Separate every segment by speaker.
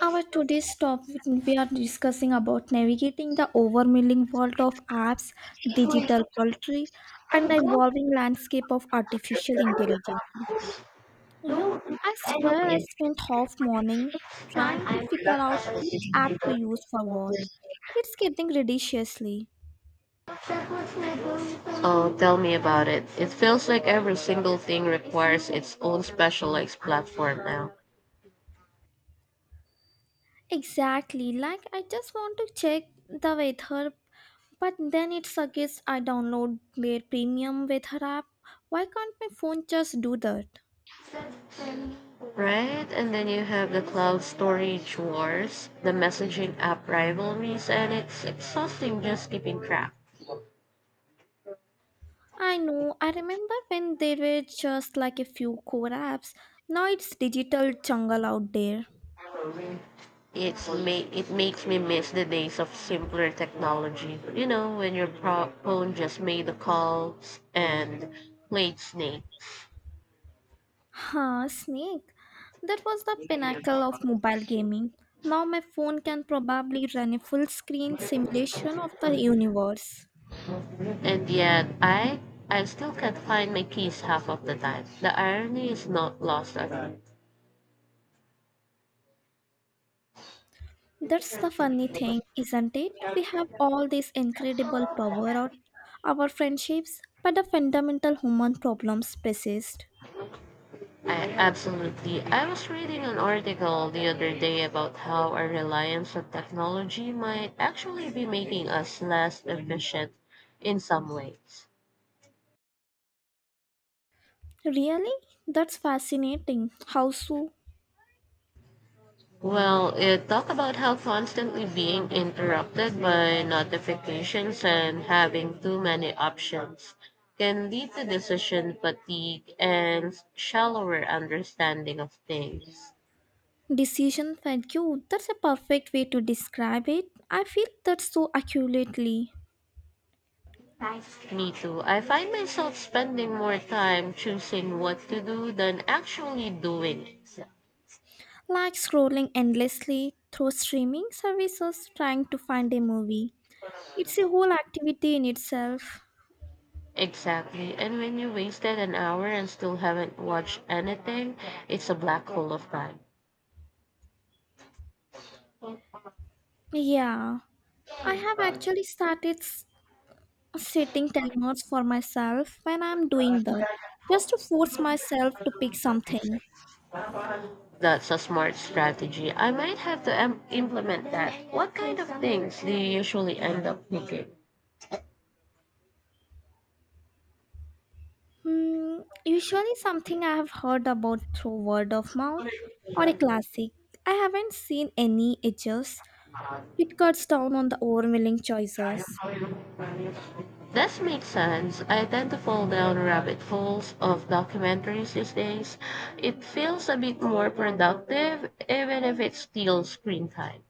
Speaker 1: Our today's topic we are discussing about navigating the overwhelming world of apps, digital poultry, and the
Speaker 2: Don't
Speaker 1: evolving landscape of artificial intelligence.
Speaker 2: know
Speaker 1: You,
Speaker 2: if
Speaker 1: I swear, I
Speaker 2: it's
Speaker 1: spent half morning
Speaker 2: done,
Speaker 1: trying to
Speaker 2: I'm
Speaker 1: figure out which app to use for what. It's getting ridiculously.
Speaker 2: Oh, tell me about it. It feels like every single thing requires its own specialized platform now.
Speaker 1: Exactly, like I just want to check the weather, but then it suggests I download their premium weather app. Why can't my phone just do that?
Speaker 2: Right? And then you have the cloud storage wars, the messaging app rivalries, and it's exhausting just keeping track.
Speaker 1: I know. I remember when there were just like a few core apps. Now it's digital jungle out there.
Speaker 2: It makes me miss the days of simpler technology. You know, when your phone just made the calls and played Snake.
Speaker 1: Huh, Snake. That was the pinnacle of mobile gaming. Now my phone can probably run a full screen simulation of the universe.
Speaker 2: And yet I still can't find my keys half of the time. The irony is not lost on me.
Speaker 1: That's the funny thing, isn't it? We have all this incredible power of our friendships, but the fundamental human problems persist.
Speaker 2: I absolutely I was reading an article the other day about how our reliance on technology might actually be making us less efficient in some ways.
Speaker 1: Really? That's fascinating. How so?
Speaker 2: Well, it talked about how constantly being interrupted by notifications and having too many options can lead to decision fatigue and shallower understanding of things.
Speaker 1: Decision fatigue, that's a perfect way to describe it. I feel that so accurately.
Speaker 2: Me too. I find myself spending more time choosing what to do than actually doing it.
Speaker 1: Like scrolling endlessly through streaming services trying to find a movie. It's a whole activity in itself.
Speaker 2: Exactly. And when you wasted an hour and still haven't watched anything, it's a black hole of time.
Speaker 1: Yeah, I have actually setting timers for myself when I'm doing that, just to force myself to pick something.
Speaker 2: That's a smart strategy. I might have to implement that. What kind of things do you usually end up picking?
Speaker 1: Hmm, usually something I have heard about through word of mouth or a classic. I haven't seen any edges. It cuts down on the overwhelming choices.
Speaker 2: This makes sense. I tend to fall down rabbit holes of documentaries these days. It feels a bit more productive, even if it's still screen time.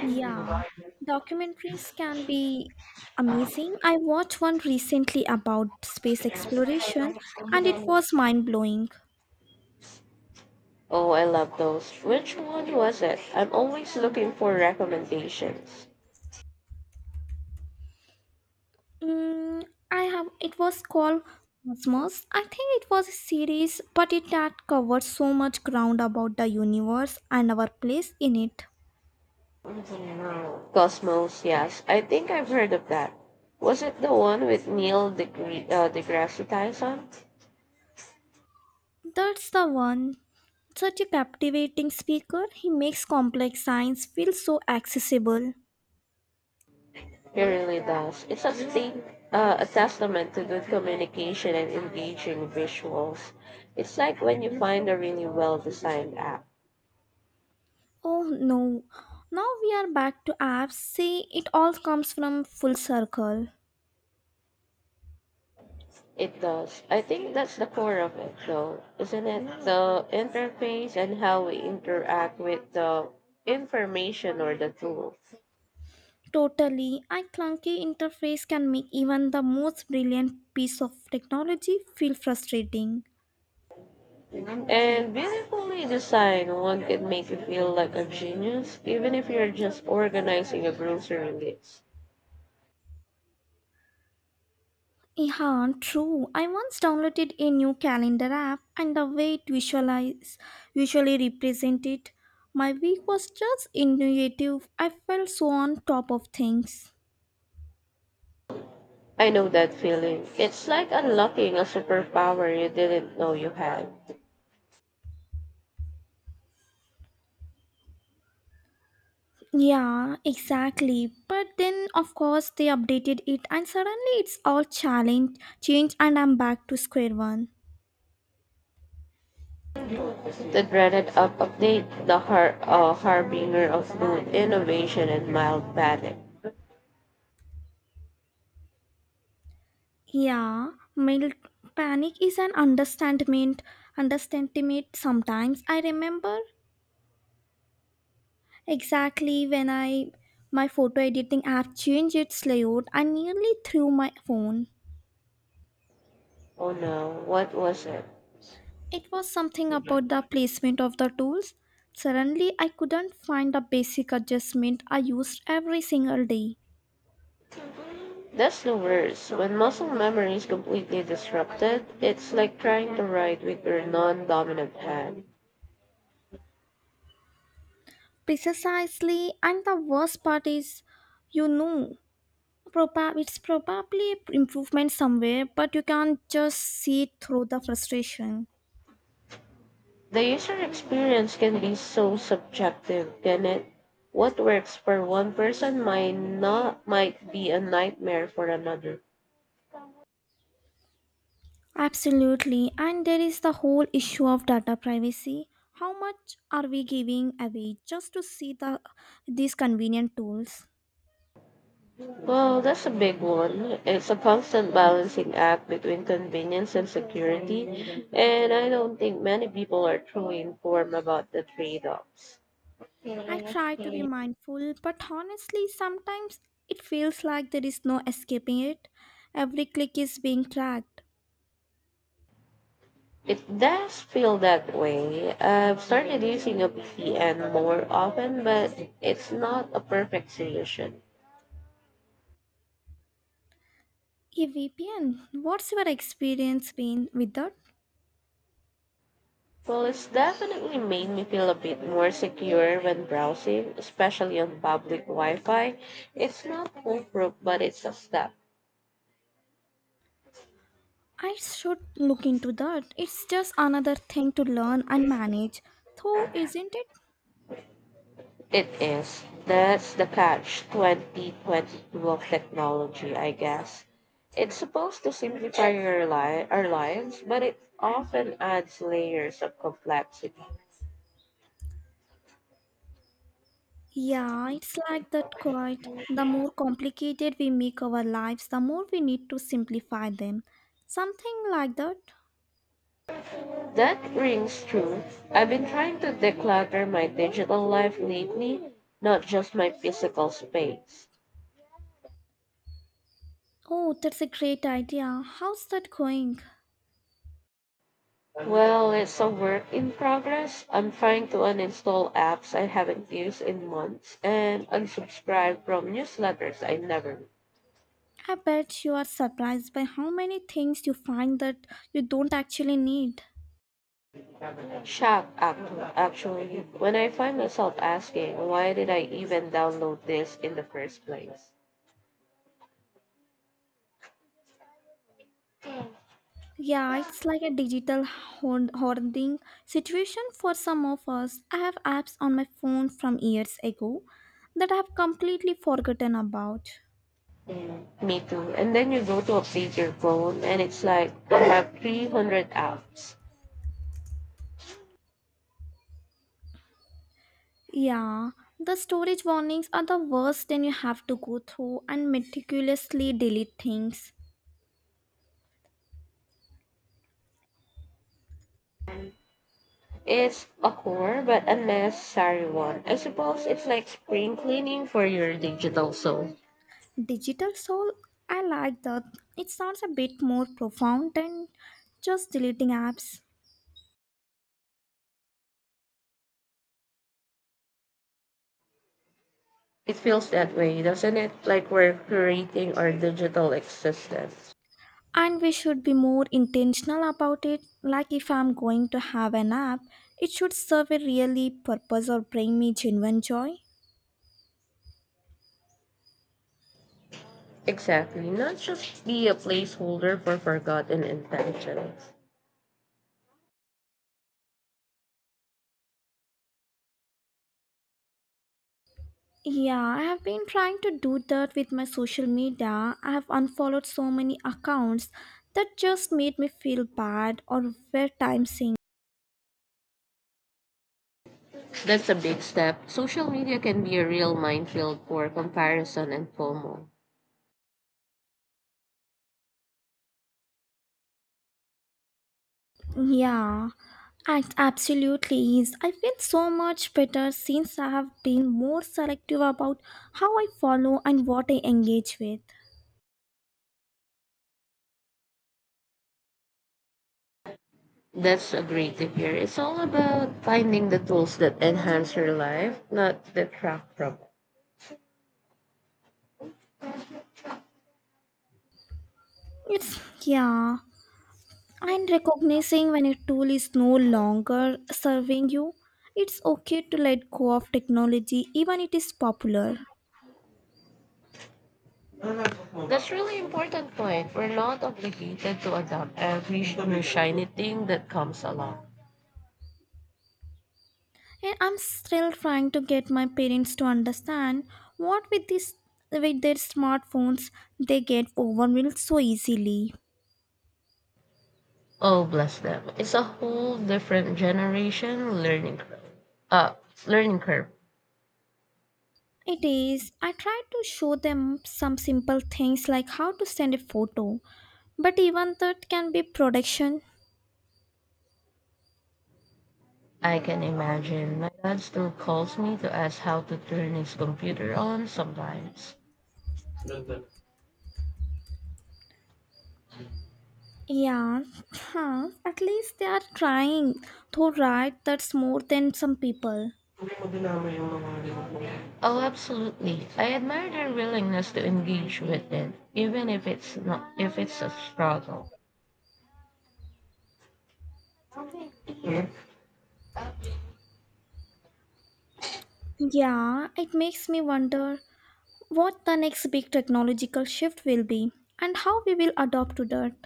Speaker 1: Yeah, documentaries can be amazing. I watched one recently about space exploration and it was mind blowing.
Speaker 2: Oh, I love those. Which one was it? I'm always looking for recommendations.
Speaker 1: I have it was called Cosmos. I think it was a series, but it had covered so much ground about the universe and our place in it.
Speaker 2: Cosmos, yes. I think I've heard of that. Was it the one with Neil deGrasse Tyson?
Speaker 1: That's the one. Such a captivating speaker, he makes complex science feel so accessible.
Speaker 2: He really does. It's a, thing, a testament to good communication and engaging visuals. It's like when you find a really well designed app.
Speaker 1: Oh no, now we are back to apps. See, it all comes from full circle.
Speaker 2: It does. I think that's the core of it, though, isn't it? The interface and how we interact with the information or the tool.
Speaker 1: Totally, a clunky interface can make even the most brilliant piece of technology feel frustrating.
Speaker 2: And beautifully designed, one can make you feel like a genius, even if you're just organizing a grocery list.
Speaker 1: Yeah, true. I once downloaded a new calendar app and the way it visualize visually represented my week was just intuitive. I felt so on top of things.
Speaker 2: I know that feeling. It's like unlocking a superpower you didn't know you had.
Speaker 1: Yeah, exactly. But then of course they updated it and suddenly it's all challenge change and I'm back to square one.
Speaker 2: The dreaded up update, the harbinger of food, innovation, and mild panic.
Speaker 1: Yeah, mild panic is an understandment sometimes. I remember Exactly when I my photo editing app changed its layout, I nearly threw my phone.
Speaker 2: Oh no, what was it?
Speaker 1: It was something about the placement of the tools. Suddenly, I couldn't find the basic adjustment I used every single day.
Speaker 2: That's the worst. When muscle memory is completely disrupted, it's like trying to write with your non dominant hand.
Speaker 1: Precisely, and the worst part is, you know, it's probably improvement somewhere, but you can't just see it through the frustration.
Speaker 2: The user experience can be so subjective, can it? What works for one person might not might be a nightmare for another.
Speaker 1: Absolutely. And there is the whole issue of data privacy. How much are we giving away just to see the these convenient tools?
Speaker 2: Well, that's a big one. It's a constant balancing act between convenience and security, and I don't think many people are truly informed about the trade-offs.
Speaker 1: I try to be mindful, but honestly, sometimes it feels like there is no escaping it. Every click is being tracked.
Speaker 2: It does feel that way. I've started using a VPN more often, but it's not a perfect solution.
Speaker 1: A VPN, what's your experience been with that?
Speaker 2: Well, it's definitely made me feel a bit more secure when browsing, especially on public Wi-Fi. It's not foolproof, but it's a step.
Speaker 1: I should look into that. It's just another thing to learn and manage, though, isn't it?
Speaker 2: It is. That's the catch 2022 of technology, I guess. It's supposed to simplify your our lives, but it often adds layers of complexity.
Speaker 1: Yeah, it's like that quite. The more complicated we make our lives, the more we need to simplify them. Something like that.
Speaker 2: That rings true. I've been trying to declutter my digital life lately, not just my physical space.
Speaker 1: Oh, that's a great idea. How's that going?
Speaker 2: Well, it's a work in progress. I'm trying to uninstall apps I haven't used in months and unsubscribe from newsletters I never
Speaker 1: I bet you are surprised by how many things you find that you don't actually need.
Speaker 2: shocked actually when I find myself asking why did I even download this in the first place.
Speaker 1: Yeah, it's like a digital hoarding situation for some of us. I have apps on my phone from years ago that I have completely forgotten about.
Speaker 2: Mm, me too. And then you go to update your phone and it's like I have 300 apps.
Speaker 1: Yeah, the storage warnings are the worst, and you have to go through and meticulously delete things.
Speaker 2: It's a core but unnecessary one. I suppose it's like spring cleaning for your digital soul.
Speaker 1: Digital soul, I like that. It sounds a bit more profound than just deleting apps.
Speaker 2: It feels that way, doesn't it? Like we're curating our digital existence.
Speaker 1: And we should be more intentional about it. Like if I'm going to have an app, it should serve a really purpose or bring me genuine joy.
Speaker 2: Exactly, not just be a placeholder for forgotten intentions.
Speaker 1: Yeah, I have been trying to do that with my social media. I have unfollowed so many accounts that just made me feel bad or were time sink.
Speaker 2: That's a big step. Social media can be a real minefield for comparison and FOMO.
Speaker 1: Yeah, absolutely is. I feel so much better since I have been more selective about how I follow and what I engage with.
Speaker 2: That's a great tip here. It's all about finding the tools that enhance your life, not detract from it.
Speaker 1: It's yeah, and recognizing when a tool is no longer serving you. It's okay to let go of technology even it is popular.
Speaker 2: That's really important point. We're not obligated to adopt every new shiny thing that comes along.
Speaker 1: And I'm still trying to get my parents to understand what with this with their smartphones they get overwhelmed so easily.
Speaker 2: Oh, bless them. It's a whole different generation learning curve. Uh, learning curve.
Speaker 1: It is I try to show them some simple things like how to send a photo. But even that can be production.
Speaker 2: I can imagine. My dad still calls me to ask how to turn his computer on sometimes.
Speaker 1: Yeah, huh. At least they are trying. Though right, that's more than some people.
Speaker 2: Oh, absolutely. I admire their willingness to engage with it, even if it's a struggle.
Speaker 1: Yeah, it makes me wonder what the next big technological shift will be and how we will adopt to that.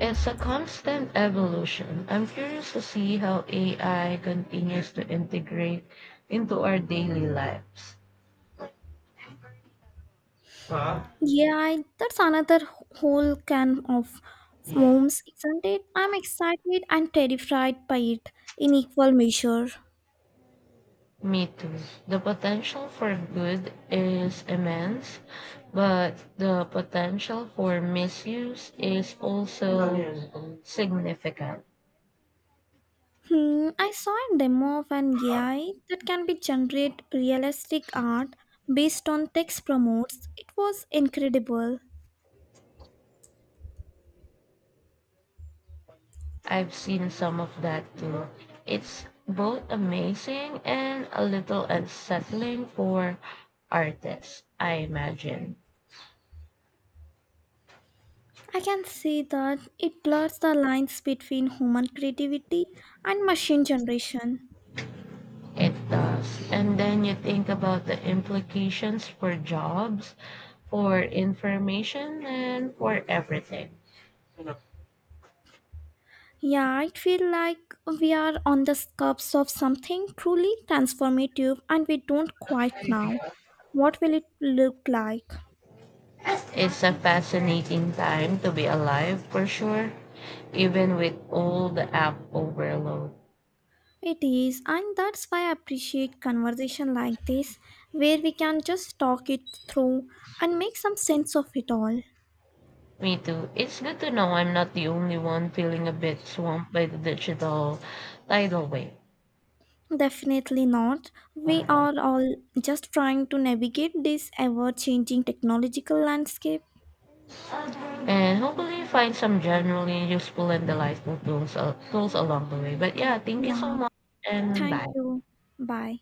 Speaker 2: It's a constant evolution. I'm curious to see how AI continues to integrate into our daily lives. Huh?
Speaker 1: Yeah, that's another whole can of worms, isn't it? I'm excited and terrified by it in equal measure.
Speaker 2: Me too. The potential for good is immense, but the potential for misuse is also significant.
Speaker 1: Hmm, I saw a demo of an AI that can be generate realistic art based on text promotes. It was incredible.
Speaker 2: I've seen some of that too. It's both amazing and a little unsettling for artists, I imagine.
Speaker 1: I can see that it blurs the lines between human creativity and machine generation.
Speaker 2: It does. And then you think about the implications for jobs, for information, and for everything.
Speaker 1: Yeah, I feel like we are on the cusp of something truly transformative and we don't quite know what will it look like.
Speaker 2: It's a fascinating time to be alive for sure, even with all the app overload.
Speaker 1: It is, and that's why I appreciate conversation like this where we can just talk it through and make some sense of it all.
Speaker 2: Me too. It's good to know I'm not the only one feeling a bit swamped by the digital tidal wave.
Speaker 1: Definitely not. We are all just trying to navigate this ever changing technological landscape.
Speaker 2: And hopefully find some generally useful and delightful tools along the way. But yeah, thank you so
Speaker 1: Yeah,
Speaker 2: much and
Speaker 1: thank
Speaker 2: bye.
Speaker 1: you. Bye.